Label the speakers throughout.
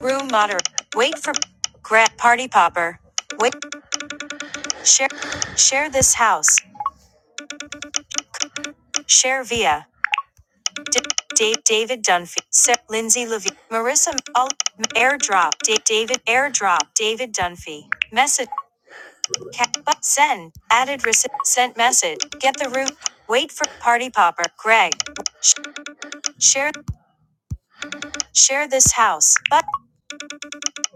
Speaker 1: Room moderator. Wait for grab party popper. Wait. Share. Share this house. Share via. D- Dave, David Dunphy, Sarah, Lindsay Levine, Marissa, all, airdrop, Da- David, airdrop, David Dunphy, message, Cat. but send, added, receipt, sent message, get the room, wait for party popper, Greg, sh- share, share this house, but,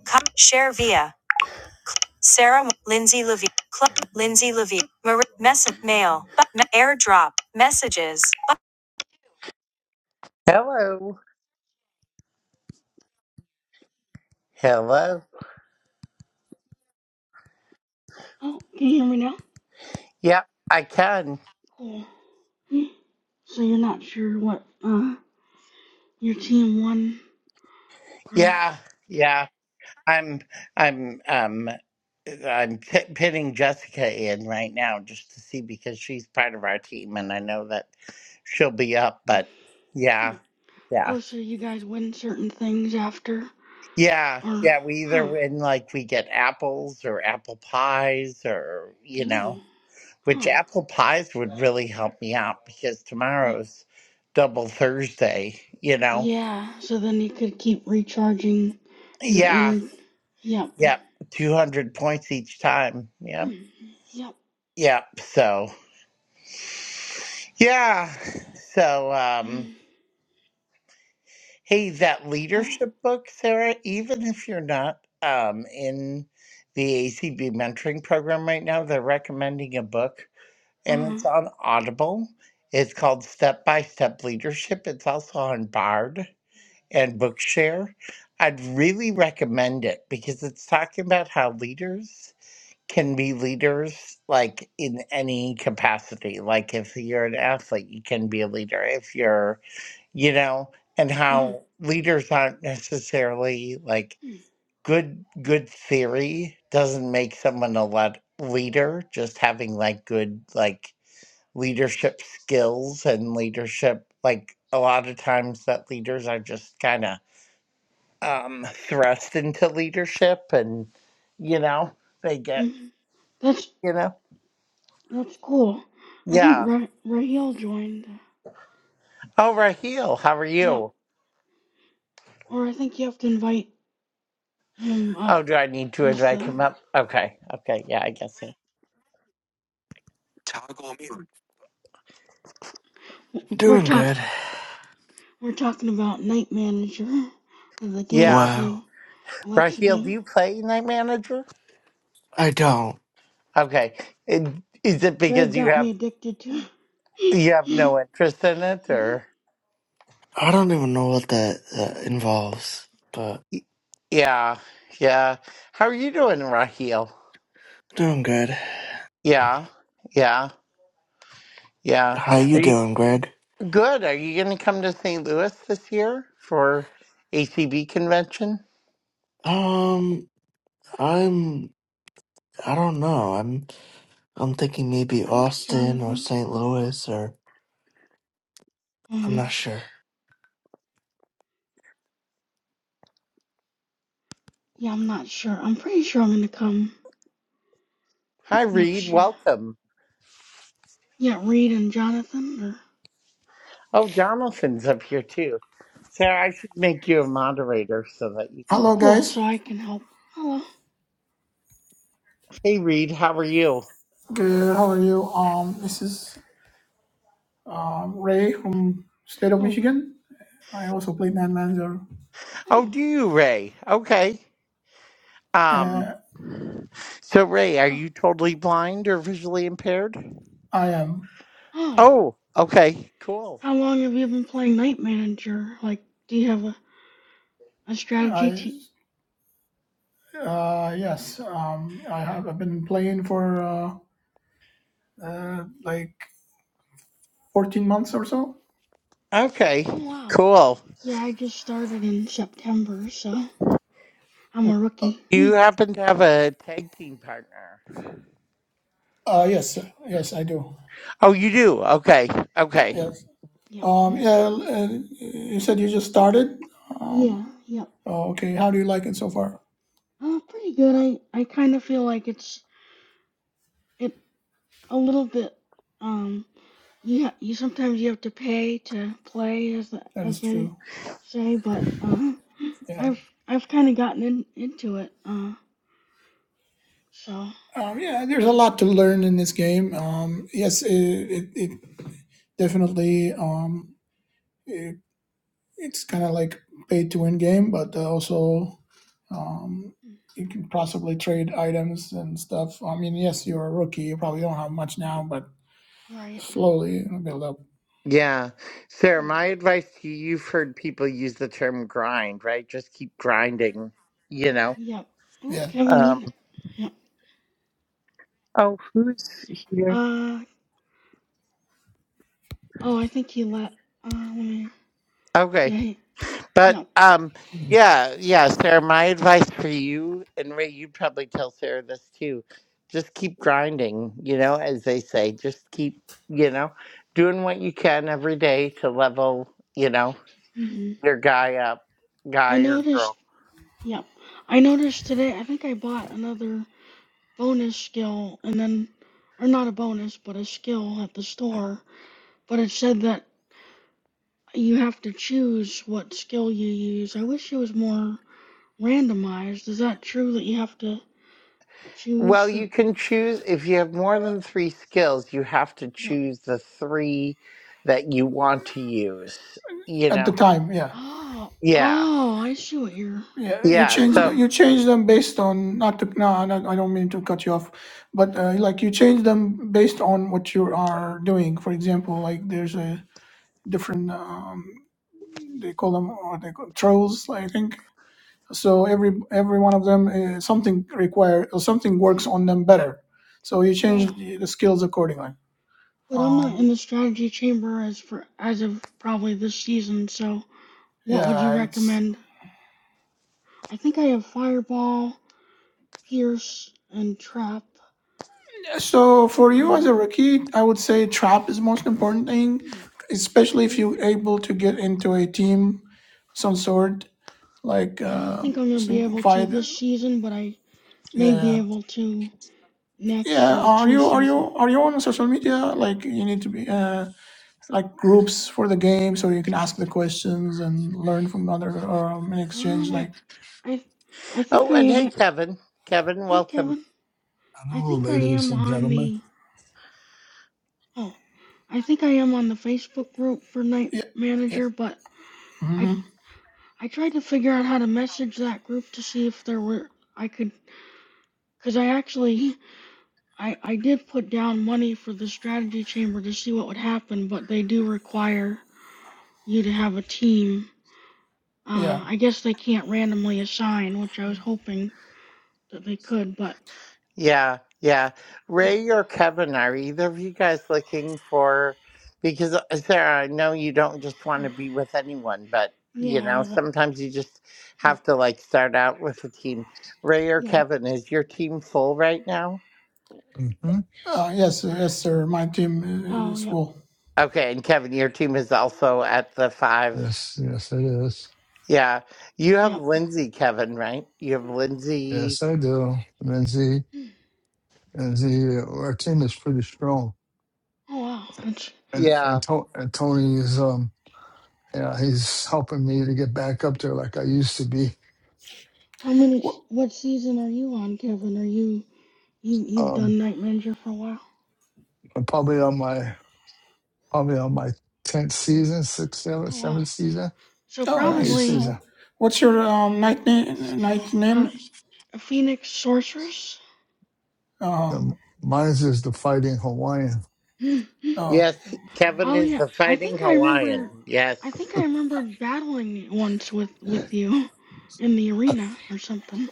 Speaker 1: co- share via. Sarah, Lindsay Levine, Club, Lindsay Levine, Marie, Message, Mail, Airdrop, Messages. Hello. Hello.
Speaker 2: Oh, can you hear me now?
Speaker 1: Yeah, I can.
Speaker 2: Cool. Hmm. So you're not sure what uh your team won or
Speaker 1: Yeah, yeah. I'm, I'm, um, I'm pi pinning Jessica in right now just to see because she's part of our team and I know that she'll be up, but
Speaker 2: hmm.
Speaker 1: yeah, yeah.
Speaker 2: oh, so you guys win certain things after
Speaker 1: Yeah,
Speaker 2: or
Speaker 1: yeah, we either
Speaker 2: huh?
Speaker 1: win like we get apples or apple pies or you know.
Speaker 2: Ooh,
Speaker 1: which
Speaker 2: huh?
Speaker 1: apple pies would really help me out because
Speaker 2: Yeah,
Speaker 1: tomorrow's double Thursday, you know?
Speaker 2: yeah. So then you could keep recharging your
Speaker 1: Yeah.
Speaker 2: energy. Yep.
Speaker 1: Yep. 200 points each time.
Speaker 2: Hmm.
Speaker 1: Yep.
Speaker 2: Yep.
Speaker 1: Yep. So, yeah. So,
Speaker 2: Hmm.
Speaker 1: um, hey, that
Speaker 2: Oh.
Speaker 1: leadership book, Sarah, even if you're not um, in the ACB mentoring program right now, they're recommending a book
Speaker 2: Uh
Speaker 1: and
Speaker 2: huh.
Speaker 1: it's on Audible. It's called Step by Step Leadership. It's also on Bard and Bookshare, I'd really recommend it because it's talking about how leaders can be leaders like in any capacity. Like if you're an athlete, you can be a leader. If you're, you know, and
Speaker 2: Uh huh.
Speaker 1: how leaders aren't necessarily like
Speaker 2: Hmm.
Speaker 1: good good theory doesn't make someone a lot leader just having like good like leadership skills and leadership like a lot of times that leaders are just kind of um, thrust into leadership and, you know, they get,
Speaker 2: Mhm. That's
Speaker 1: you know,
Speaker 2: that's cool. I think
Speaker 1: yeah.
Speaker 2: Ra- Raheel joined.
Speaker 1: Oh, Raheel, how are
Speaker 2: Yep.
Speaker 1: you?
Speaker 2: Or I think you have to invite him
Speaker 1: Oh,
Speaker 2: up.
Speaker 1: do I need to
Speaker 2: as
Speaker 1: invite
Speaker 2: the
Speaker 1: him up? Okay. Okay. Yeah, I guess so.
Speaker 2: we're
Speaker 3: Doing
Speaker 2: talk
Speaker 3: good.
Speaker 2: we're talking about Night Manager the game
Speaker 1: Yeah.
Speaker 2: the
Speaker 3: Wow.
Speaker 2: Alexa
Speaker 1: Raheel, do
Speaker 2: game.
Speaker 1: you play Night Manager?
Speaker 3: I don't.
Speaker 1: Okay. And Is it
Speaker 2: Greg
Speaker 1: because you
Speaker 2: got
Speaker 1: have
Speaker 2: me addicted to.
Speaker 1: you have no interest in it or?
Speaker 3: I don't even know what that, that involves, but
Speaker 1: Yeah. Yeah. How are you doing, Raheel?
Speaker 3: doing good.
Speaker 1: Yeah. Yeah.
Speaker 3: How you
Speaker 1: Yeah.
Speaker 3: doing, Greg?
Speaker 1: Good. Are you going to come to St. Louis this year for ACB convention?
Speaker 3: Um, I'm. I don't know. I'm. I'm thinking maybe
Speaker 2: oh,
Speaker 3: Austin or
Speaker 2: Jonathan.
Speaker 3: St.
Speaker 2: Uh
Speaker 3: Louis or I'm
Speaker 2: huh.
Speaker 3: not sure.
Speaker 2: Yeah, I'm not sure. I'm pretty sure I'm gonna come
Speaker 1: Hi, Reed.
Speaker 2: next year.
Speaker 1: Welcome.
Speaker 2: Yeah, Reed and Jonathan. Or
Speaker 1: Oh, Jonathan's up here too. Sarah, I should make you a moderator so that you
Speaker 2: oh,
Speaker 1: can.
Speaker 4: Hello,
Speaker 2: cool.
Speaker 4: guys.
Speaker 2: So I can help. Hello.
Speaker 1: Hey, Reed, how are you?
Speaker 4: Good. How are you? Um, this is um, Ray from state of
Speaker 2: Oh,
Speaker 4: Michigan. I also play man manager.
Speaker 1: Oh,
Speaker 2: oh,
Speaker 1: do you, Ray? Okay. Um.
Speaker 4: Uh,
Speaker 1: So, Ray, are
Speaker 2: oh,
Speaker 1: you totally blind or visually impaired?
Speaker 4: I am.
Speaker 2: oh.
Speaker 1: Oh, okay. Cool.
Speaker 2: How long have you been playing Night Manager? Like, do you have a, a strategy?
Speaker 4: I
Speaker 2: t-
Speaker 4: uh, yes. Um, I have. I've been playing for uh, uh, like 14 months or so.
Speaker 1: Okay.
Speaker 2: Oh wow.
Speaker 1: Cool.
Speaker 2: Yeah, I just started in September, so I'm a rookie.
Speaker 1: Do
Speaker 2: Hmm.
Speaker 1: you happen to have a tag team partner?
Speaker 4: Uh, yes. sir. Yes, I do.
Speaker 1: Oh, you do? Okay. Okay.
Speaker 4: Yes.
Speaker 2: Yep.
Speaker 4: Um, yeah. Uh, you said you just started.
Speaker 2: Yeah,
Speaker 4: Um,
Speaker 2: yep.
Speaker 4: oh, okay. How do you like it so far?
Speaker 2: Uh, pretty good. I I kind of feel like it's it a little bit um yeah, you sometimes you have to pay to play as the,
Speaker 4: That is
Speaker 2: as they
Speaker 4: true.
Speaker 2: say, but uh
Speaker 4: Yeah.
Speaker 2: I've I've kind of gotten in, into it. Uh so
Speaker 4: Um, yeah, there's a lot to learn in this game. Um, yes, it, it, it definitely um, it, it's kind of like pay to win game, but uh, also um, you can possibly trade items and stuff. I mean, yes, you're a rookie, you probably don't have much now, but
Speaker 2: right.
Speaker 4: slowly it'll build up.
Speaker 1: Yeah. Sarah,
Speaker 2: Hmm.
Speaker 1: my advice to you, you've heard people use the term grind, right? Just keep grinding, you know?
Speaker 2: Yep. Oh,
Speaker 4: Yeah,
Speaker 2: Kevin
Speaker 1: Um,
Speaker 2: Enoch. Yep.
Speaker 1: oh, who's here?
Speaker 2: Uh oh, I think he let uh let me
Speaker 1: Okay.
Speaker 2: yeah, he,
Speaker 1: But
Speaker 2: yep.
Speaker 1: um, yeah, yeah, Sarah, my advice for you, and Ray, you'd probably tell Sarah this too, just keep grinding, you know, as they say. Just keep, you know, doing what you can every day to level, you know,
Speaker 2: Mhm.
Speaker 1: your guy up,
Speaker 2: I
Speaker 1: guy or girl.
Speaker 2: noticed yep. I noticed today, I think I bought another bonus skill and then or not a bonus, but a skill at the store, but it said that you have to choose what skill you use. I wish it was more randomized. Is that true that you have to choose
Speaker 1: Well,
Speaker 2: for
Speaker 1: you can choose if you have more than three skills, you have to
Speaker 2: yep.
Speaker 1: choose the three that you want to use, you
Speaker 4: at the
Speaker 1: know?
Speaker 4: time, yeah.
Speaker 2: Oh,
Speaker 1: Yeah.
Speaker 2: oh, I see what you're
Speaker 4: Yeah, you
Speaker 1: Yeah.
Speaker 4: change the,
Speaker 2: huh.
Speaker 1: So,
Speaker 4: you change them based on not to no, I don't I don't mean to cut you off, but uh, like you change them based on what you are doing. For example, like there's a different um, they call them or they call trolls, I think. So every every one of them uh, something require or something
Speaker 2: Hmm.
Speaker 4: works on them better. So you
Speaker 2: Oh
Speaker 4: change
Speaker 2: wow.
Speaker 4: the, the skills accordingly.
Speaker 2: But I'm not in
Speaker 4: Um,
Speaker 2: the strategy chamber as for as of probably this season, so what would you
Speaker 4: yeah, it's
Speaker 2: recommend? I think I have Fireball, Pierce, and Trap.
Speaker 4: so for you as
Speaker 2: Uh,
Speaker 4: a rookie, I would say trap is the most important thing,
Speaker 2: hmm,
Speaker 4: especially if
Speaker 2: okay.
Speaker 4: you're able to get into a team, some sort like
Speaker 2: I don't
Speaker 4: uh,
Speaker 2: think I'm gonna be
Speaker 4: some
Speaker 2: able to
Speaker 4: fight.
Speaker 2: this season, but I may be
Speaker 4: Yeah,
Speaker 2: able to next
Speaker 4: yeah.
Speaker 2: or
Speaker 4: Are
Speaker 2: two
Speaker 4: you are
Speaker 2: season.
Speaker 4: you are you on social media? Like you need to be.
Speaker 2: Hmm.
Speaker 4: Uh, like groups for the game so you can ask the questions and learn from other or um, in exchange
Speaker 2: Um, I,
Speaker 4: like
Speaker 2: I, I think
Speaker 1: oh,
Speaker 2: I
Speaker 1: and hey,
Speaker 2: am.
Speaker 1: Kevin. Kevin,
Speaker 2: Hey,
Speaker 1: welcome.
Speaker 2: Kevin. I
Speaker 5: Hello,
Speaker 2: think I
Speaker 5: ladies
Speaker 2: am
Speaker 5: and
Speaker 2: on
Speaker 5: gentlemen.
Speaker 2: the. Oh, I think I am on the Facebook group for Night
Speaker 4: yeah yeah
Speaker 2: Manager, but I,
Speaker 4: hmm
Speaker 2: I tried to figure out how to message that group to see if there were I could, cause I actually I, I did put down money for the strategy chamber to see what would happen, but they do require you to have a team.
Speaker 4: yeah
Speaker 2: Uh, I guess they can't randomly assign, which I was hoping that they could, but
Speaker 1: Yeah. Yeah.
Speaker 2: yep.
Speaker 1: Ray or Kevin, are either of you guys looking for, because uh, Sarah, I know you don't just want to
Speaker 2: Mhm.
Speaker 1: be with anyone, but, you know,
Speaker 2: Yeah, that,
Speaker 1: sometimes you just
Speaker 2: mm,
Speaker 1: have to like start out with a team. Ray or
Speaker 2: yeah, that-
Speaker 1: Kevin, is your team full right now?
Speaker 5: hmm
Speaker 4: uh, yes uh, yes sir my team
Speaker 2: oh,
Speaker 4: is
Speaker 2: yep,
Speaker 4: full
Speaker 1: Okay, and Kevin, your team is also at the five.
Speaker 5: Yes, yes, it is.
Speaker 1: Yeah. You have
Speaker 2: yep.
Speaker 1: Lindsay, Kevin, right? You have Lindsay.
Speaker 5: Yes, I do. Lindsay, Lindsay, our team is pretty strong,
Speaker 2: Oh, wow. That's,
Speaker 5: and
Speaker 1: Yeah.
Speaker 5: and, to- and Tony is um, yeah, he's helping me to get back up there like I used to be.
Speaker 2: how many,
Speaker 4: Wh-
Speaker 2: what season are you on, Kevin? Are you, you, you've
Speaker 5: Um,
Speaker 2: done Night Manager for a while?
Speaker 5: I'm probably on my probably on my tenth season, sixth, seventh,
Speaker 2: Oh, wow.
Speaker 5: seventh season,
Speaker 2: So
Speaker 4: oh
Speaker 5: or eighth
Speaker 4: nice
Speaker 2: probably,
Speaker 4: Oh,
Speaker 5: season.
Speaker 4: what's your um, night na- night
Speaker 2: uh,
Speaker 4: name
Speaker 2: a Phoenix Sorceress?
Speaker 4: uh,
Speaker 5: Um, mine is just the fighting Hawaiian.
Speaker 4: oh
Speaker 1: Yes, Kevin
Speaker 2: Oh
Speaker 1: is
Speaker 2: yeah,
Speaker 1: the
Speaker 2: I
Speaker 1: fighting
Speaker 2: think I
Speaker 1: Hawaiian.
Speaker 2: remember. I think
Speaker 1: Yes.
Speaker 2: I remembered battling once with with you in the arena or something.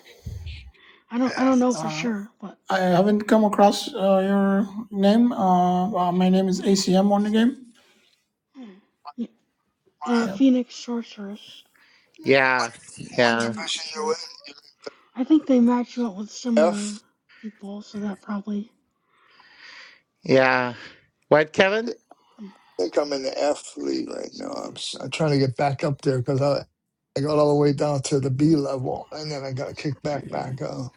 Speaker 2: I don't I
Speaker 5: Yeah.
Speaker 2: don't know for
Speaker 4: uh,
Speaker 2: sure, but
Speaker 4: I haven't come across uh, your name uh, uh, my name is
Speaker 2: oh, okay.
Speaker 4: ACM on the game
Speaker 2: Hmm. Yeah, uh,
Speaker 5: What,
Speaker 4: yeah
Speaker 2: Phoenix Sorceress.
Speaker 5: what,
Speaker 1: Yeah.
Speaker 5: what
Speaker 2: Yeah,
Speaker 1: Yeah.
Speaker 2: I'm not
Speaker 5: division
Speaker 2: sure.
Speaker 5: you in?
Speaker 2: I think they match you up with
Speaker 5: You're in the
Speaker 2: similar
Speaker 5: F.
Speaker 2: people, so that probably.
Speaker 1: Yeah. What, Kevin?
Speaker 2: Hmm.
Speaker 5: I think I'm in the F league right now. I'm, s- I'm trying to get back up there because I, I got all the way down to the B level and then I got kicked back back up.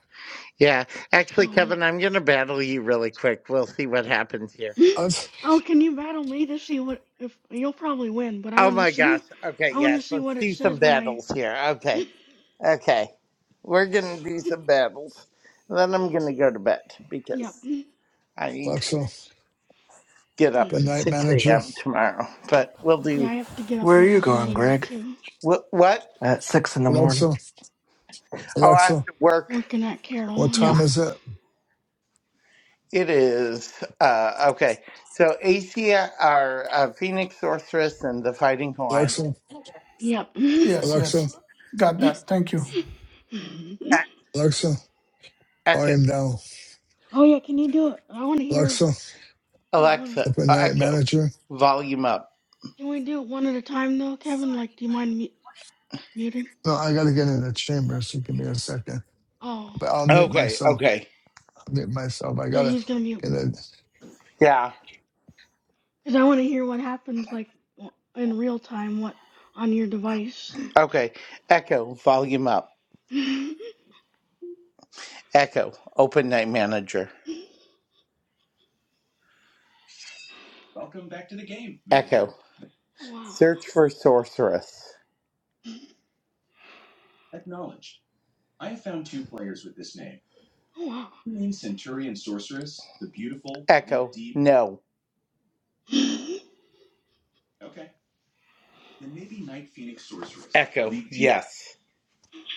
Speaker 1: Yeah. Actually,
Speaker 2: Oh yeah.
Speaker 1: Kevin, I'm going to battle you really quick. We'll see what happens here.
Speaker 5: Us,
Speaker 2: oh, can you battle me to see what if you'll probably win, but I
Speaker 1: Oh
Speaker 2: want to
Speaker 1: my gosh.
Speaker 2: see.
Speaker 1: Okay,
Speaker 2: I want to
Speaker 1: yes.
Speaker 2: see
Speaker 1: Let's
Speaker 2: what it
Speaker 1: do some
Speaker 2: says when I.
Speaker 1: battles here. Okay. Okay. We're going to do some battles. Then I'm going to go to bed
Speaker 2: yep.
Speaker 1: because I need to.
Speaker 5: Alexa,
Speaker 1: get up
Speaker 5: good
Speaker 1: at
Speaker 5: night,
Speaker 1: 6
Speaker 5: manager.
Speaker 1: a.m. tomorrow, but we'll
Speaker 2: Yeah,
Speaker 1: do
Speaker 2: I have to get up
Speaker 3: Where
Speaker 2: a
Speaker 3: are you
Speaker 2: little
Speaker 3: going,
Speaker 2: earlier
Speaker 3: Greg?
Speaker 2: too.
Speaker 1: what? what?
Speaker 3: At six in the morning.
Speaker 5: Alexa,
Speaker 1: Oh, I have
Speaker 5: Alexa,
Speaker 1: to work.
Speaker 2: Working at Carol.
Speaker 5: what
Speaker 2: Yep.
Speaker 5: time
Speaker 3: Oof.
Speaker 5: is it?
Speaker 1: It is uh, okay. So Asia, our uh, Phoenix Sorceress, and the Fighting Hawaiian
Speaker 5: Alexa,
Speaker 2: Yep. oh
Speaker 4: yes
Speaker 5: Alexa,
Speaker 4: yes got
Speaker 2: yeah,
Speaker 4: that thank you
Speaker 1: E-
Speaker 5: Alexa,
Speaker 1: Echo
Speaker 5: volume down.
Speaker 2: can you do it? I want to hear the.
Speaker 5: Alexa,
Speaker 2: Yeah, I want to.
Speaker 1: Alexa
Speaker 5: open
Speaker 1: uh,
Speaker 5: night
Speaker 1: Echo,
Speaker 5: manager.
Speaker 1: volume up.
Speaker 2: Can we do it one at a time though, Kevin? Like, do you mind mu- muting?
Speaker 5: No, I gotta get in the chamber, so give me a second.
Speaker 2: Oh,
Speaker 5: But I'll mute
Speaker 1: Okay,
Speaker 5: myself.
Speaker 1: okay,
Speaker 5: I'll mute myself. I
Speaker 2: yeah,
Speaker 5: gotta
Speaker 2: he's gonna mute.
Speaker 5: get in.
Speaker 1: yeah,
Speaker 2: Cause I want to hear what happens like w- in real time. What on your device?
Speaker 1: okay. Echo, volume up.
Speaker 2: oh
Speaker 1: Echo, open night manager. Welcome back to the game. Echo,
Speaker 2: wow.
Speaker 1: search for sorceress.
Speaker 2: Oh wow.
Speaker 1: Main Centurion Sorceress, the beautiful? Echo, deep- no. Echo. Yes.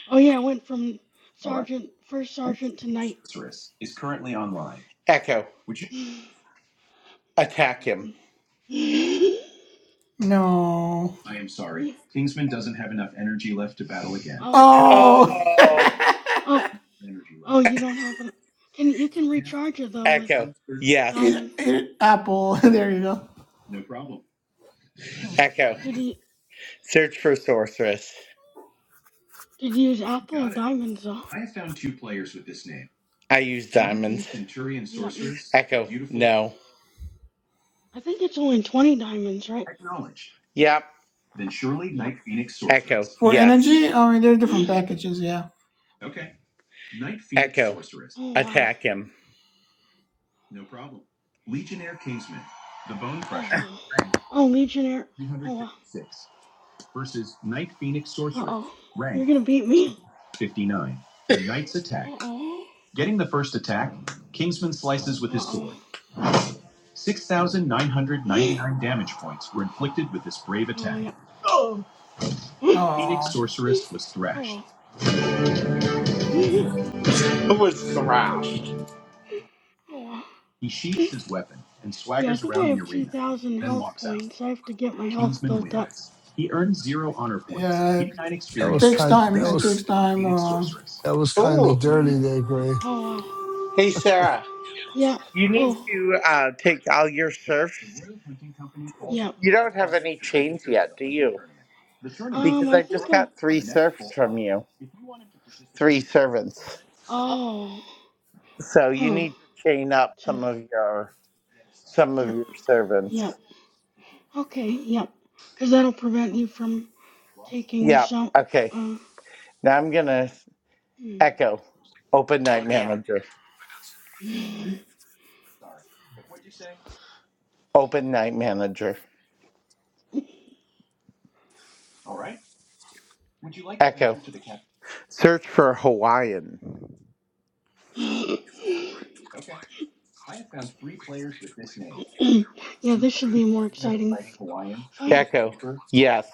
Speaker 2: oh yeah, I went from sergeant, first sergeant to knight.
Speaker 1: Echo. Attack him.
Speaker 4: no
Speaker 2: Yeah. Oh, I don't.
Speaker 1: Oh,
Speaker 4: oh
Speaker 2: Oh, oh, you don't have an. Can you can recharge it though with
Speaker 1: Echo.
Speaker 4: Eat,
Speaker 1: Yes.
Speaker 2: diamond?
Speaker 4: eat apple. there you go.
Speaker 1: Echo.
Speaker 2: Did he
Speaker 1: Search for sorceress.
Speaker 2: did you use apple or diamonds though?
Speaker 1: I use diamonds.
Speaker 2: Yep. Me.
Speaker 1: Echo. No.
Speaker 2: I think it's only twenty diamonds, right?
Speaker 1: Yep.
Speaker 2: Yep.
Speaker 1: Echo.
Speaker 4: For
Speaker 1: Yes.
Speaker 4: energy, I mean, there are different packages. Yeah.
Speaker 1: Echo.
Speaker 2: Oh wow.
Speaker 1: Attack him.
Speaker 2: Oh wow. Oh legionnaire. Oh wow. Uh oh. You're gonna beat me. Uh oh. Uh oh. Oh yeah.
Speaker 4: Oh,
Speaker 2: Oh wow.
Speaker 1: Who was thrashed?
Speaker 2: Oh wow. Yeah, I think I have 2,000 health points. I have to get my health built up.
Speaker 4: yeah.
Speaker 5: That
Speaker 4: It
Speaker 5: was
Speaker 4: takes
Speaker 5: kind.
Speaker 4: time.
Speaker 5: That
Speaker 4: It takes
Speaker 5: was
Speaker 4: time. Um,
Speaker 5: that was kind of
Speaker 1: Oh.
Speaker 5: dirty there, Gray.
Speaker 2: Oh, wow.
Speaker 1: Hey, Sarah.
Speaker 2: Yeah.
Speaker 1: You need
Speaker 2: Oh,
Speaker 1: to uh, take all your serfs.
Speaker 2: yep.
Speaker 1: You don't have any chains yet, do you?
Speaker 2: Um,
Speaker 1: because
Speaker 2: I
Speaker 1: I
Speaker 2: think
Speaker 1: just
Speaker 2: I.
Speaker 1: got three The serfs from you, three servants.
Speaker 2: Oh.
Speaker 1: So you
Speaker 2: Huh.
Speaker 1: need to chain up
Speaker 2: Two-
Speaker 1: some of your some of
Speaker 2: Sure.
Speaker 1: your servants.
Speaker 2: Yep. Okay, yep. Because that'll prevent you from taking
Speaker 1: Yeah.
Speaker 2: some.
Speaker 1: Okay.
Speaker 2: Uh.
Speaker 1: Now I'm gonna
Speaker 2: hmm.
Speaker 1: echo. Open night manager. Open night manager. Echo. Search for Hawaiian.
Speaker 2: yeah, this should be a more exciting f- fight.
Speaker 1: Echo. Yes.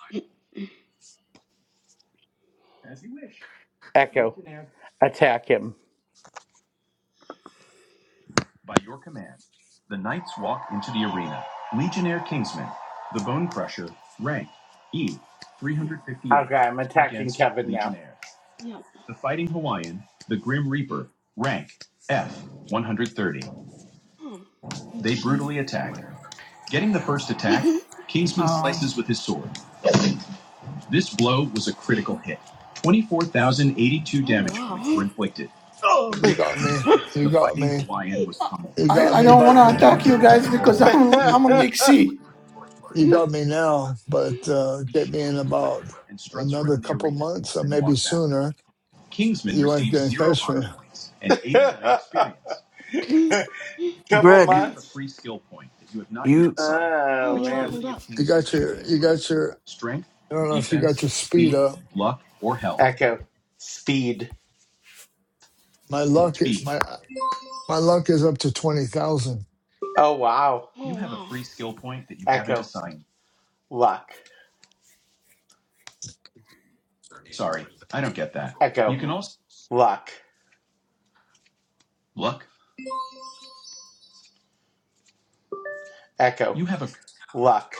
Speaker 1: Echo. Attack him. Okay, I'm attacking Kevin now.
Speaker 2: yep. Huh. Let's see. oh,
Speaker 4: um,
Speaker 2: wow.
Speaker 5: You got me. You got me. You
Speaker 4: I,
Speaker 5: got
Speaker 2: oh,
Speaker 4: I
Speaker 5: me.
Speaker 4: don't
Speaker 5: But
Speaker 4: want to attack you guys because I'm
Speaker 5: you,
Speaker 4: I'm on
Speaker 5: you
Speaker 4: League C.
Speaker 5: you got me now. But uh, get me in about another couple months, or maybe sooner. You ain't gonna catch me.
Speaker 2: you
Speaker 1: Couple
Speaker 3: Greg,
Speaker 1: months.
Speaker 3: you.
Speaker 2: leveled up.
Speaker 5: You got your. You got your. I don't know if you got your speed up.
Speaker 1: Echo. Speed.
Speaker 5: My luck. is- My my luck is up to twenty thousand.
Speaker 1: Oh wow.
Speaker 2: Oh wow.
Speaker 1: Luck. Echo.
Speaker 2: Oh,
Speaker 1: Luck. Echo. Luck.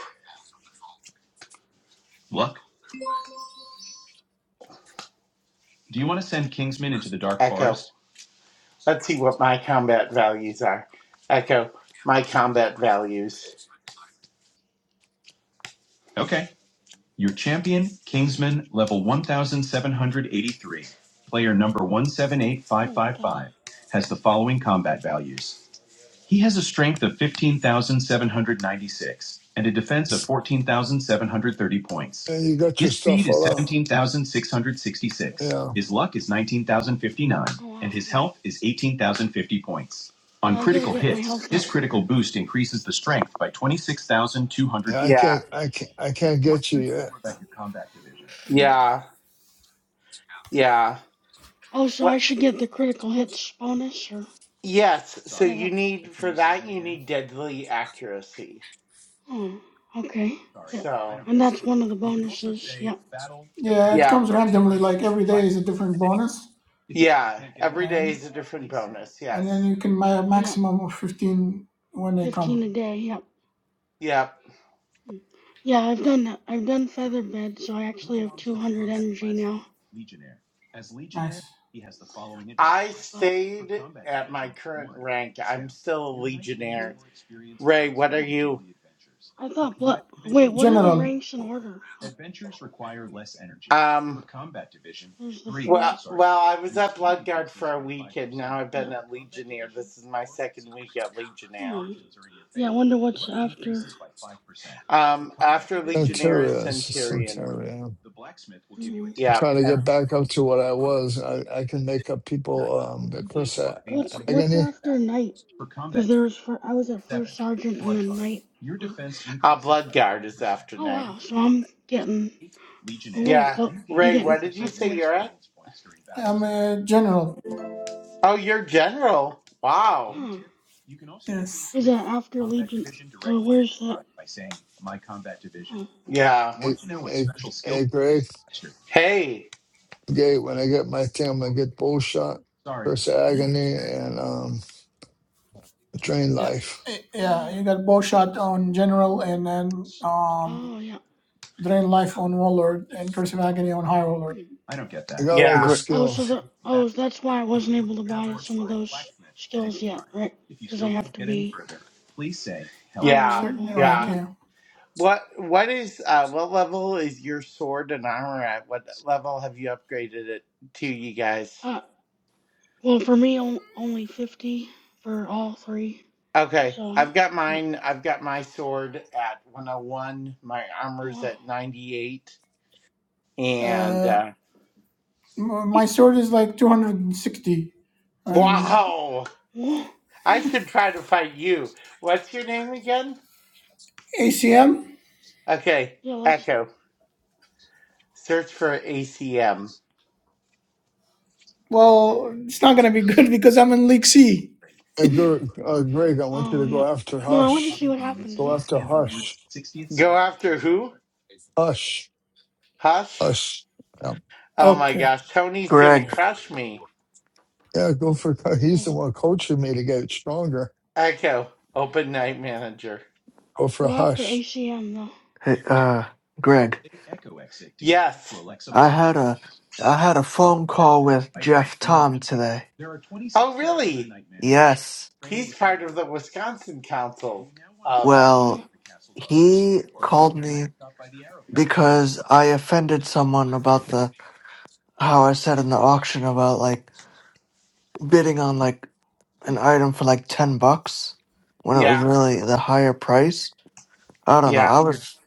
Speaker 1: Let's see what my combat values are. Echo. My combat values.
Speaker 2: oh, one thousand.
Speaker 5: And you got your stuff all up. Yeah.
Speaker 2: Oh wow. Yeah. Yeah, I gotta get my health up.
Speaker 5: yeah. I
Speaker 1: Yeah.
Speaker 5: can't. I can't. I can't get you yet.
Speaker 2: Hmm.
Speaker 1: Yeah. Yeah.
Speaker 2: Oh, so I
Speaker 1: What?
Speaker 2: should get the critical hits bonus, or
Speaker 1: Yes.
Speaker 2: yeah,
Speaker 1: You
Speaker 2: that.
Speaker 1: need deadly accuracy.
Speaker 2: Oh, okay. That, and that's one of the bonuses. Yep.
Speaker 4: Yeah, it comes randomly. Like every day is a different bonus, and and then you can buy a
Speaker 2: Yep.
Speaker 4: maximum of fifteen when they
Speaker 2: Fifteen
Speaker 4: come.
Speaker 2: a day. Yep.
Speaker 1: Yep.
Speaker 2: Hmm. Yeah, I've done that. I've done feather bed, so I actually have two hundred energy now.
Speaker 4: Nice.
Speaker 2: But
Speaker 1: Stay still.
Speaker 2: hmm. Well, I thought blood. Wait, what are the
Speaker 4: General.
Speaker 2: ranks in order? Uh,
Speaker 1: Um.
Speaker 2: There's the first.
Speaker 1: Well, I my be-
Speaker 2: Yeah. Hmm. Yeah, I wonder what's after.
Speaker 1: Um.
Speaker 5: Centurion. It's a Centurion.
Speaker 2: Mm-hmm.
Speaker 5: trying to get back up to what I was. I, I can make up people. Um, the Chris A-
Speaker 2: What's what's
Speaker 5: Agony,
Speaker 2: after night? Because there was fir- I was at first sergeant and then night. or- Oh wow, so I'm getting a little
Speaker 1: Yeah.
Speaker 2: close. I'm getting up there.
Speaker 4: I'm a general.
Speaker 1: Oh, you're general. Wow.
Speaker 2: Huh.
Speaker 4: Yes.
Speaker 2: Is that after Legion or where's that? Oh,
Speaker 1: Yeah.
Speaker 5: a, a, a Greg
Speaker 1: Hey.
Speaker 5: Gate. When I get my team, I'm gonna get Bullshot, Chris Agony, and um, Drain
Speaker 4: Yeah.
Speaker 5: Life.
Speaker 4: Eh,
Speaker 2: oh
Speaker 4: Yeah.
Speaker 2: yeah.
Speaker 4: You got bow shot on general, and then um
Speaker 2: Oh yeah.
Speaker 4: Drain Life on Warlord and Curse of Agony on High Warlord.
Speaker 2: Hmm.
Speaker 5: I got all the
Speaker 1: Yeah.
Speaker 3: Gre-
Speaker 2: Oh, so
Speaker 5: skills.
Speaker 2: the oh that's why I wasn't able to buy some of those skills yet, right? Because I have to be higher
Speaker 1: Yeah.
Speaker 2: level.
Speaker 4: Certain
Speaker 1: Yeah.
Speaker 4: rank,
Speaker 2: Yeah.
Speaker 4: yeah.
Speaker 1: What what is uh what level is your sword and armor at? What level have you upgraded it to, you guys?
Speaker 2: Uh, Well, for me, on- only 50 for all three.
Speaker 1: Okay,
Speaker 2: So,
Speaker 1: I've got
Speaker 2: yep.
Speaker 1: mine. I've got my sword at 101. My armor's
Speaker 2: Oh,
Speaker 1: at 98. And
Speaker 4: Uh,
Speaker 1: uh it-
Speaker 4: my sword is like 260.
Speaker 2: wow.
Speaker 4: Um,
Speaker 1: wow,
Speaker 2: Whoa.
Speaker 1: I should try to fight you. What's your name again?
Speaker 4: ACM?
Speaker 1: Okay,
Speaker 2: Yeah, let's.
Speaker 1: Echo. Search for ACM.
Speaker 4: Well, it's not gonna be good because I'm in League C.
Speaker 5: Hey, Greg, uh, Greg, I want you to
Speaker 2: Oh, yeah.
Speaker 5: go after
Speaker 2: No, I want to
Speaker 5: Hush.
Speaker 2: see what happens,
Speaker 5: Go after
Speaker 2: though.
Speaker 5: Hush. Hush.
Speaker 1: Hush.
Speaker 5: Hush. Yeah,
Speaker 1: Oh my
Speaker 4: Okay.
Speaker 1: gosh, Tony's gonna
Speaker 3: Greg.
Speaker 1: crush me.
Speaker 5: yeah go for. He's
Speaker 2: Hold
Speaker 5: the
Speaker 2: on.
Speaker 5: one coaching me to get stronger.
Speaker 1: Echo, open night manager.
Speaker 5: Go for
Speaker 2: Go after
Speaker 5: Hush.
Speaker 2: ACM, though.
Speaker 3: Hey, uh, Greg.
Speaker 1: Yes.
Speaker 3: I had a I had a phone call with Jeff Tom today. Yes.
Speaker 1: the Wisconsin Council.
Speaker 2: Oh, yeah.
Speaker 3: Well, he called me because I offended someone about the how I said in the auction about like bidding on like an item for like 10 bucks when it was
Speaker 1: Yeah,
Speaker 3: really the higher price. I don't know.
Speaker 1: yeah.
Speaker 3: I was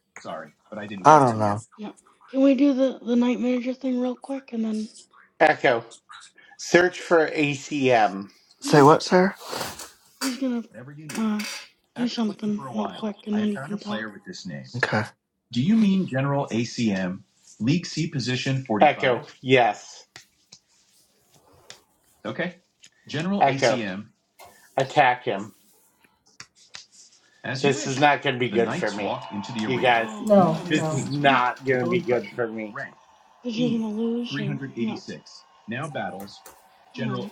Speaker 3: I don't know.
Speaker 2: Yeah. Can we do the, the night manager thing real quick? And then
Speaker 1: Echo. Search for ACM.
Speaker 3: Say what, sir?
Speaker 2: he's gonna uh, do something real quick, and then you can talk.
Speaker 3: Okay.
Speaker 1: Yes. Attack him. Not gonna be good.
Speaker 2: Oh,
Speaker 4: No,
Speaker 2: yeah.
Speaker 4: no.
Speaker 1: Not good for me.
Speaker 2: Because you're gonna lose, or. Yeah. Oh,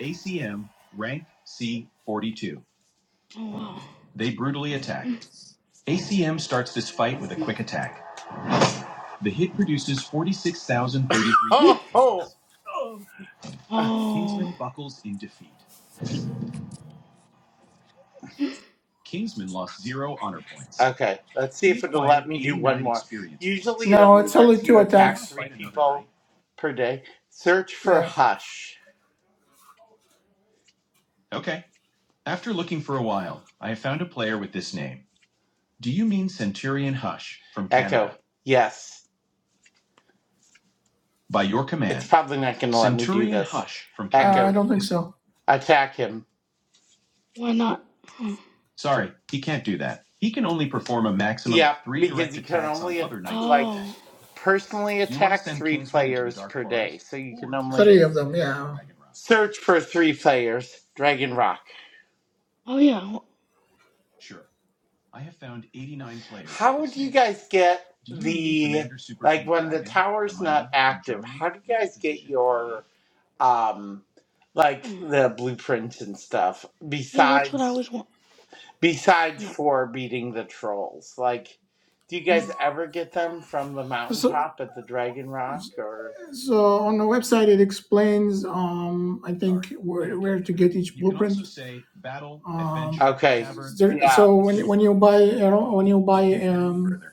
Speaker 2: oh wow. Oh,
Speaker 1: Okay. Let's see. It
Speaker 4: No,
Speaker 1: only
Speaker 4: it's only
Speaker 1: lets you
Speaker 4: two
Speaker 1: attack
Speaker 4: attacks.
Speaker 1: per day. Search for
Speaker 4: Yeah,
Speaker 1: Hush. Yes. Probably not gonna
Speaker 4: uh, I don't think so.
Speaker 1: attack him.
Speaker 2: why not? Hmm. Oh,
Speaker 1: Personally,
Speaker 4: Three of them, yeah.
Speaker 1: search for three players. Dragon Rock. You
Speaker 2: oh yeah. wh-
Speaker 1: guys get um like
Speaker 2: hmm.
Speaker 1: the blueprints and stuff.
Speaker 2: Yeah, that's what I
Speaker 1: Besides
Speaker 2: was want.
Speaker 1: Besides
Speaker 2: Yep.
Speaker 1: for beating the trolls, like, do you guys
Speaker 2: Mm.
Speaker 1: ever get them from the
Speaker 4: So,
Speaker 1: mountaintop at the Dragon Rock? Or
Speaker 4: so on the website it explains, um, I think where, where to get each blueprint. Um, there,
Speaker 1: yeah,
Speaker 4: so when you- when you buy you know, when you buy um,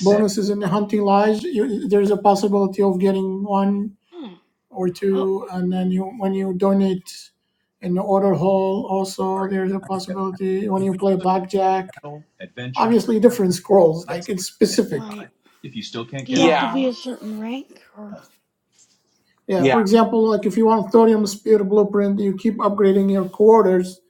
Speaker 4: bonuses in the hunting lodge, you, there's a possibility of getting one
Speaker 2: Huh.
Speaker 4: or
Speaker 2: Oh,
Speaker 4: two, and then you when you donate in the order hall, also there's a possibility when you play blackjack. Obviously, different scrolls, like it's specific.
Speaker 2: right. Do you have to
Speaker 1: yeah,
Speaker 2: be
Speaker 4: Um,
Speaker 2: a certain rank or?
Speaker 4: yeah, for
Speaker 1: yeah,
Speaker 4: example, like if you want
Speaker 2: Hmm.
Speaker 4: thorium spear blueprint, you keep upgrading your quarters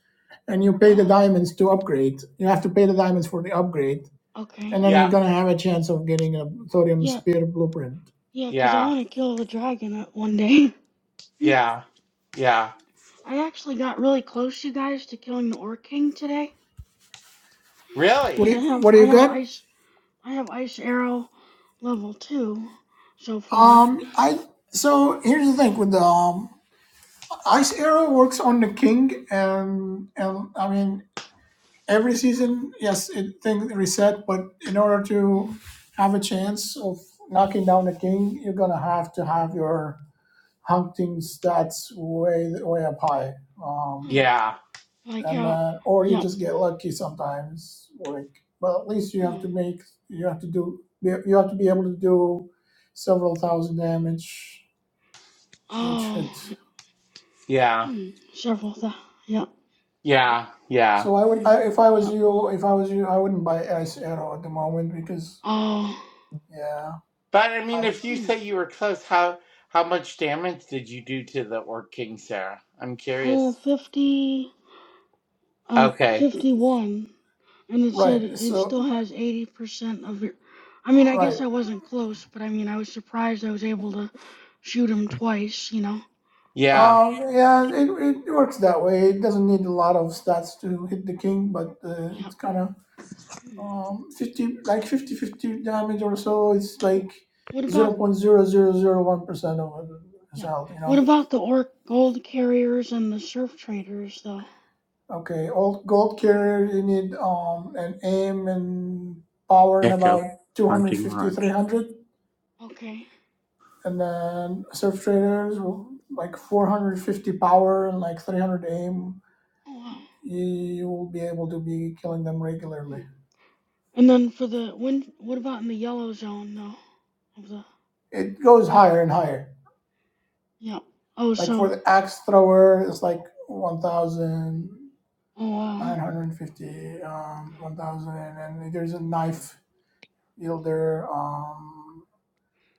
Speaker 4: and you pay the
Speaker 2: Oh,
Speaker 4: diamonds to upgrade. You have to pay the diamonds for the upgrade
Speaker 2: okay.
Speaker 4: and then you're
Speaker 1: yeah,
Speaker 4: gonna have a chance of getting a thorium
Speaker 2: Yeah,
Speaker 4: spear blueprint.
Speaker 2: yeah. 'Cause I
Speaker 1: yeah,
Speaker 2: want to kill the dragon uh, one day.
Speaker 1: yeah, yeah.
Speaker 2: I actually got really close, you guys, to killing the Orc King today.
Speaker 4: What
Speaker 2: 'Cause
Speaker 4: do
Speaker 1: Really?
Speaker 2: I
Speaker 4: you,
Speaker 2: have
Speaker 4: what do
Speaker 2: I
Speaker 4: you
Speaker 2: have
Speaker 4: got?
Speaker 2: ice I have ice arrow level two so far.
Speaker 4: Um, I so here's the thing with the um, ice arrow works on the king, and and I mean every season, yes, it things reset, but in order to
Speaker 2: Mm.
Speaker 4: have a chance of knocking down the king, you're gonna have to have your hunting stats way way up high. Um,
Speaker 2: Hmm.
Speaker 1: Yeah,
Speaker 2: Like
Speaker 4: and
Speaker 2: how?
Speaker 4: then or you
Speaker 2: Yep.
Speaker 4: just get lucky sometimes like well, at least you have
Speaker 2: Hmm.
Speaker 4: to make you have to do you have to be able to do several thousand damage each
Speaker 2: Oh.
Speaker 4: hit
Speaker 1: yeah,
Speaker 2: Hmm. Several thousand. Yeah.
Speaker 1: yeah, yeah.
Speaker 4: so i would
Speaker 2: Hmm.
Speaker 4: I, if i was
Speaker 2: Yeah.
Speaker 4: you if i was you i wouldn't buy ice arrow at the moment because
Speaker 2: Oh.
Speaker 4: yeah
Speaker 1: But I mean,
Speaker 4: I,
Speaker 1: if you
Speaker 2: Hmm.
Speaker 1: say you were close, how how much damage did you do to the Orc King, Sarah? I'm
Speaker 2: Uh,
Speaker 1: curious.
Speaker 2: uh,
Speaker 1: Okay.
Speaker 2: 51. And it said
Speaker 4: right
Speaker 2: it
Speaker 4: so
Speaker 2: still has 80% of your. I mean, I guess
Speaker 4: right
Speaker 2: I wasn't close, but I mean, I was surprised I was able to shoot him twice, you know? But,
Speaker 1: Yeah.
Speaker 4: um yeah it, it works that way it doesn't need a lot of stats to hit the king but uh,
Speaker 2: yeah.
Speaker 4: it's kind of
Speaker 2: Hmm.
Speaker 4: um 50 like fifty-fifty damage or so it's like
Speaker 2: Wh- What
Speaker 4: zero
Speaker 2: about.
Speaker 4: point zero zero zero 0.0001 percent of his
Speaker 2: Yeah.
Speaker 4: health you
Speaker 2: What
Speaker 4: know
Speaker 2: about the orc gold carriers and the surf traders, though?
Speaker 4: okay old gold carrier you need um an aim and power in
Speaker 1: Echo.
Speaker 4: about two hundred
Speaker 1: Hunting
Speaker 4: fifty-three
Speaker 1: Lodge.
Speaker 4: hundred,
Speaker 2: Okay.
Speaker 4: and then surf traders well, like 450 power and like 300 aim
Speaker 2: Oh, wow.
Speaker 4: you will be able to be killing them
Speaker 2: Hmm.
Speaker 4: regularly
Speaker 2: And then for the when what about in the yellow zone though? Of the
Speaker 4: it goes
Speaker 2: what?
Speaker 4: higher and higher
Speaker 2: Yeah. Oh,
Speaker 4: like for
Speaker 2: so
Speaker 4: the axe thrower it's like 1000
Speaker 2: oh wow.
Speaker 4: 950, um, 1000, and then there's a knife yield there. Um,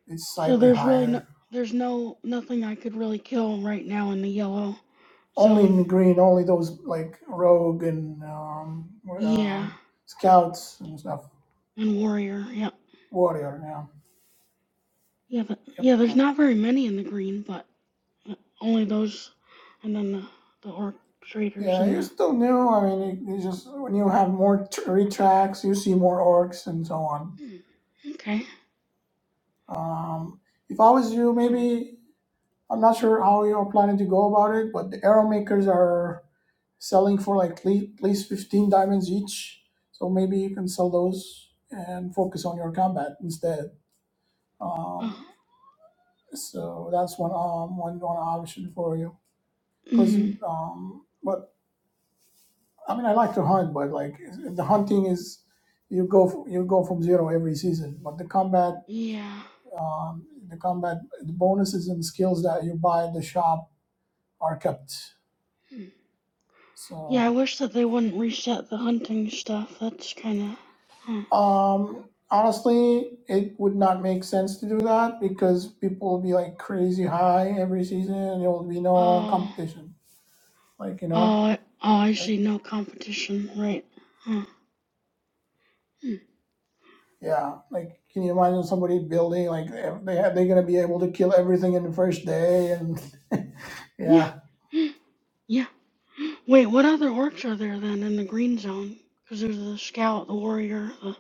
Speaker 4: it's
Speaker 2: So
Speaker 4: slightly
Speaker 2: there's really no
Speaker 4: higher.
Speaker 2: there's no nothing I could really kill right now in the yellow
Speaker 4: Only in the
Speaker 2: zone.
Speaker 4: green, only those like rogue and um, uh,
Speaker 2: Yeah,
Speaker 4: scouts and stuff.
Speaker 2: and warrior. Yep.
Speaker 4: Warrior, yeah.
Speaker 2: Yeah, but
Speaker 4: Yep.
Speaker 2: yeah, there's
Speaker 4: uh,
Speaker 2: not very many in the green, but uh, only those, and then the the orc traders
Speaker 4: Yeah,
Speaker 2: and
Speaker 4: you're
Speaker 2: the.
Speaker 4: still new. I mean, you, you just when you have more tr- retracts, you see more orcs and so on.
Speaker 2: Hmm, okay.
Speaker 4: Um, if I was you,
Speaker 2: Oh.
Speaker 4: maybe I'm not sure how you're planning to go about it, but the arrow makers are selling for like at least 15 diamonds each. So maybe you can sell those and focus on your combat instead.
Speaker 2: Uh,
Speaker 4: Um, so that's one um one, one option for you. Because
Speaker 2: mhm.
Speaker 4: um, but I mean I like to hunt, but like the hunting is you go f- you go from zero every season. But the combat
Speaker 2: Yeah.
Speaker 4: um, the combat the bonuses and skills that you buy at the shop are kept.
Speaker 2: Hmm. Yeah,
Speaker 4: So.
Speaker 2: I wish that they wouldn't reset the hunting stuff. That's kind of. Huh.
Speaker 4: Um, honestly, it would not make sense to do that because people will be like crazy high every season and there will be no
Speaker 2: Oh,
Speaker 4: competition. Like, you
Speaker 2: oh,
Speaker 4: know,
Speaker 2: I- oh, I
Speaker 4: like,
Speaker 2: see. No competition, right? Huh. Hmm.
Speaker 4: yeah, like, can you imagine somebody building like ev- they have, they're gonna be able to kill everything in the first day and
Speaker 2: Yeah,
Speaker 4: yeah,
Speaker 2: Hmm. yeah. Wait, what other orcs are there then in the green zone? Because there's the scout, the warrior, the.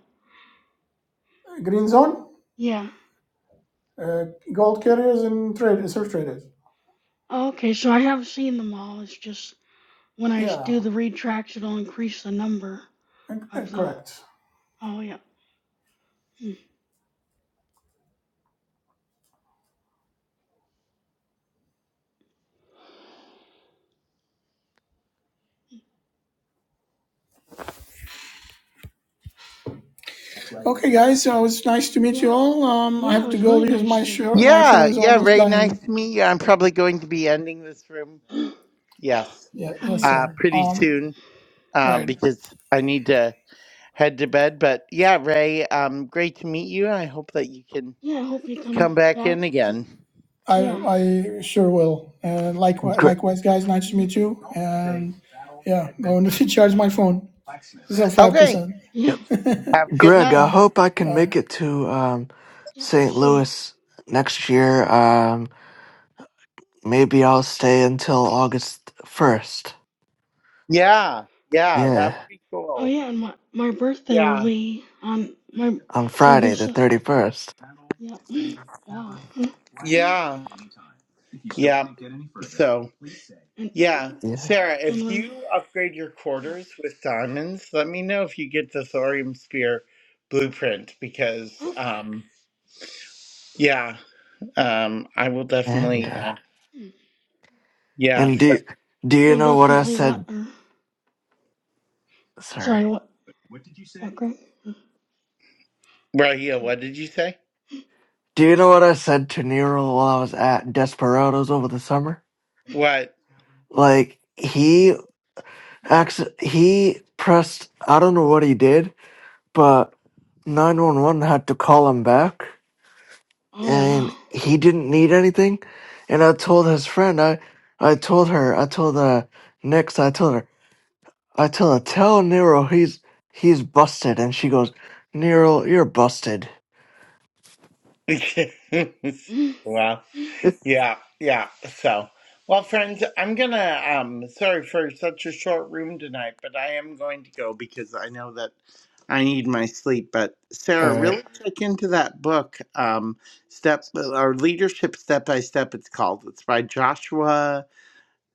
Speaker 4: green zone,
Speaker 2: Yeah.
Speaker 4: uh, gold carriers and trade surf traders.
Speaker 2: Oh, okay, so I have seen them all. It's just when I
Speaker 4: Yeah,
Speaker 2: do the read tracks, it'll increase the number
Speaker 4: uh, uh,
Speaker 2: of the.
Speaker 4: correct.
Speaker 2: Oh, yeah. Hmm.
Speaker 4: Okay,
Speaker 2: Hmm.
Speaker 4: guys, so it's nice to meet you
Speaker 2: Yeah,
Speaker 4: all. Um, I
Speaker 2: yeah, it
Speaker 4: have to
Speaker 2: was
Speaker 4: go
Speaker 2: really
Speaker 4: because my
Speaker 2: nice to.
Speaker 4: show, my phone
Speaker 1: Yeah,
Speaker 4: is
Speaker 1: yeah,
Speaker 4: almost
Speaker 1: Ray, nice
Speaker 4: dying.
Speaker 1: to meet you. I'm probably going to be ending this room. Yes,
Speaker 4: Yeah,
Speaker 2: Oh, yeah.
Speaker 4: yes,
Speaker 1: uh,
Speaker 4: sir.
Speaker 1: pretty
Speaker 4: Um,
Speaker 1: soon uh,
Speaker 4: Right.
Speaker 1: because I need to head to bed. But yeah, Ray, um, great to meet you. I hope that you can
Speaker 2: Yeah, I hope you come
Speaker 1: come back
Speaker 2: back
Speaker 1: in
Speaker 2: to.
Speaker 1: again.
Speaker 4: I
Speaker 2: Yeah.
Speaker 4: I sure will. And likewise,
Speaker 3: Great.
Speaker 4: likewise, guys. Nice to
Speaker 2: Mhm.
Speaker 4: meet you. And yeah, going to charge
Speaker 2: Yeah.
Speaker 4: my phone. It's at five
Speaker 1: Okay,
Speaker 4: percent.
Speaker 2: Yeah.
Speaker 1: have a good
Speaker 3: Greg,
Speaker 1: night.
Speaker 3: I
Speaker 4: uh,
Speaker 3: hope I can
Speaker 4: uh,
Speaker 3: make it to um,
Speaker 2: Yeah.
Speaker 3: St.
Speaker 2: See ya.
Speaker 3: Louis next year. Um, maybe I'll stay until August 1st.
Speaker 1: Yeah, yeah, that
Speaker 3: Yeah,
Speaker 1: would be
Speaker 2: Oh
Speaker 1: cool.
Speaker 2: yeah, and my my birthday will
Speaker 1: Yeah,
Speaker 2: be on my
Speaker 3: on
Speaker 2: will be
Speaker 3: Friday the
Speaker 2: so
Speaker 3: 31st.
Speaker 2: yeah. wow. And
Speaker 1: yeah.
Speaker 3: Yeah.
Speaker 1: Sarah,
Speaker 2: and
Speaker 1: if
Speaker 2: we're
Speaker 1: you upgrade your
Speaker 2: yeah.
Speaker 1: quarters with diamonds, let me know if you get the thorium spear blueprint because,
Speaker 2: Okay.
Speaker 1: um, yeah, um, I will
Speaker 3: And
Speaker 1: definitely.
Speaker 3: uh,
Speaker 1: Uh,
Speaker 2: Hmm.
Speaker 1: yeah.
Speaker 3: and
Speaker 1: So,
Speaker 3: do do you
Speaker 2: You'll
Speaker 3: know what I
Speaker 2: definitely what
Speaker 3: said?
Speaker 2: or
Speaker 3: Sorry.
Speaker 2: sorry what what Greg?
Speaker 1: Raheel,
Speaker 2: Hmm.
Speaker 1: what did you say?
Speaker 3: Do you know what I said to Nero while I was at Desperados over the summer? Like he acc- he pressed I don't know what he did, but 911 had to call him back
Speaker 2: Oh
Speaker 3: and
Speaker 2: wow.
Speaker 3: he didn't need anything. And I told his friend, I, I told her, I told uh, Nix, I told her, I told her, tell Nero he's he's busted. And she goes, Nero, you're busted.
Speaker 2: Hmm.
Speaker 1: well,
Speaker 2: Hmm.
Speaker 3: All
Speaker 1: yeah, yeah. So, well, friends, I'm gonna. Um, sorry for such a short room tonight, but I am going to go because I know that I need my sleep. But Sarah,
Speaker 3: right,
Speaker 1: really check into that book, um, step or leadership step by step. It's called. It's by Joshua,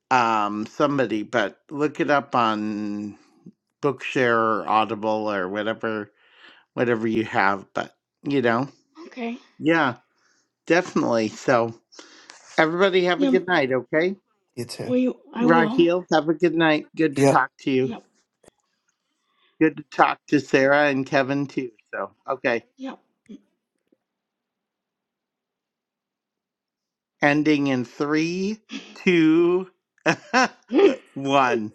Speaker 1: um, somebody. But look it up on Bookshare or Audible or whatever, whatever you have. But you know,
Speaker 2: Okay.
Speaker 1: yeah, definitely. So. Everybody have a
Speaker 2: Yeah. m-
Speaker 1: good night, okay?
Speaker 3: you too.
Speaker 2: We I will.
Speaker 1: Raheel, have a good night. Good to
Speaker 3: Yep.
Speaker 1: talk to you.
Speaker 2: Yep.
Speaker 1: Good to talk to Sarah and Kevin too. So, okay.
Speaker 2: Yep.
Speaker 1: Ending in three, two,
Speaker 2: Hmm.
Speaker 1: one.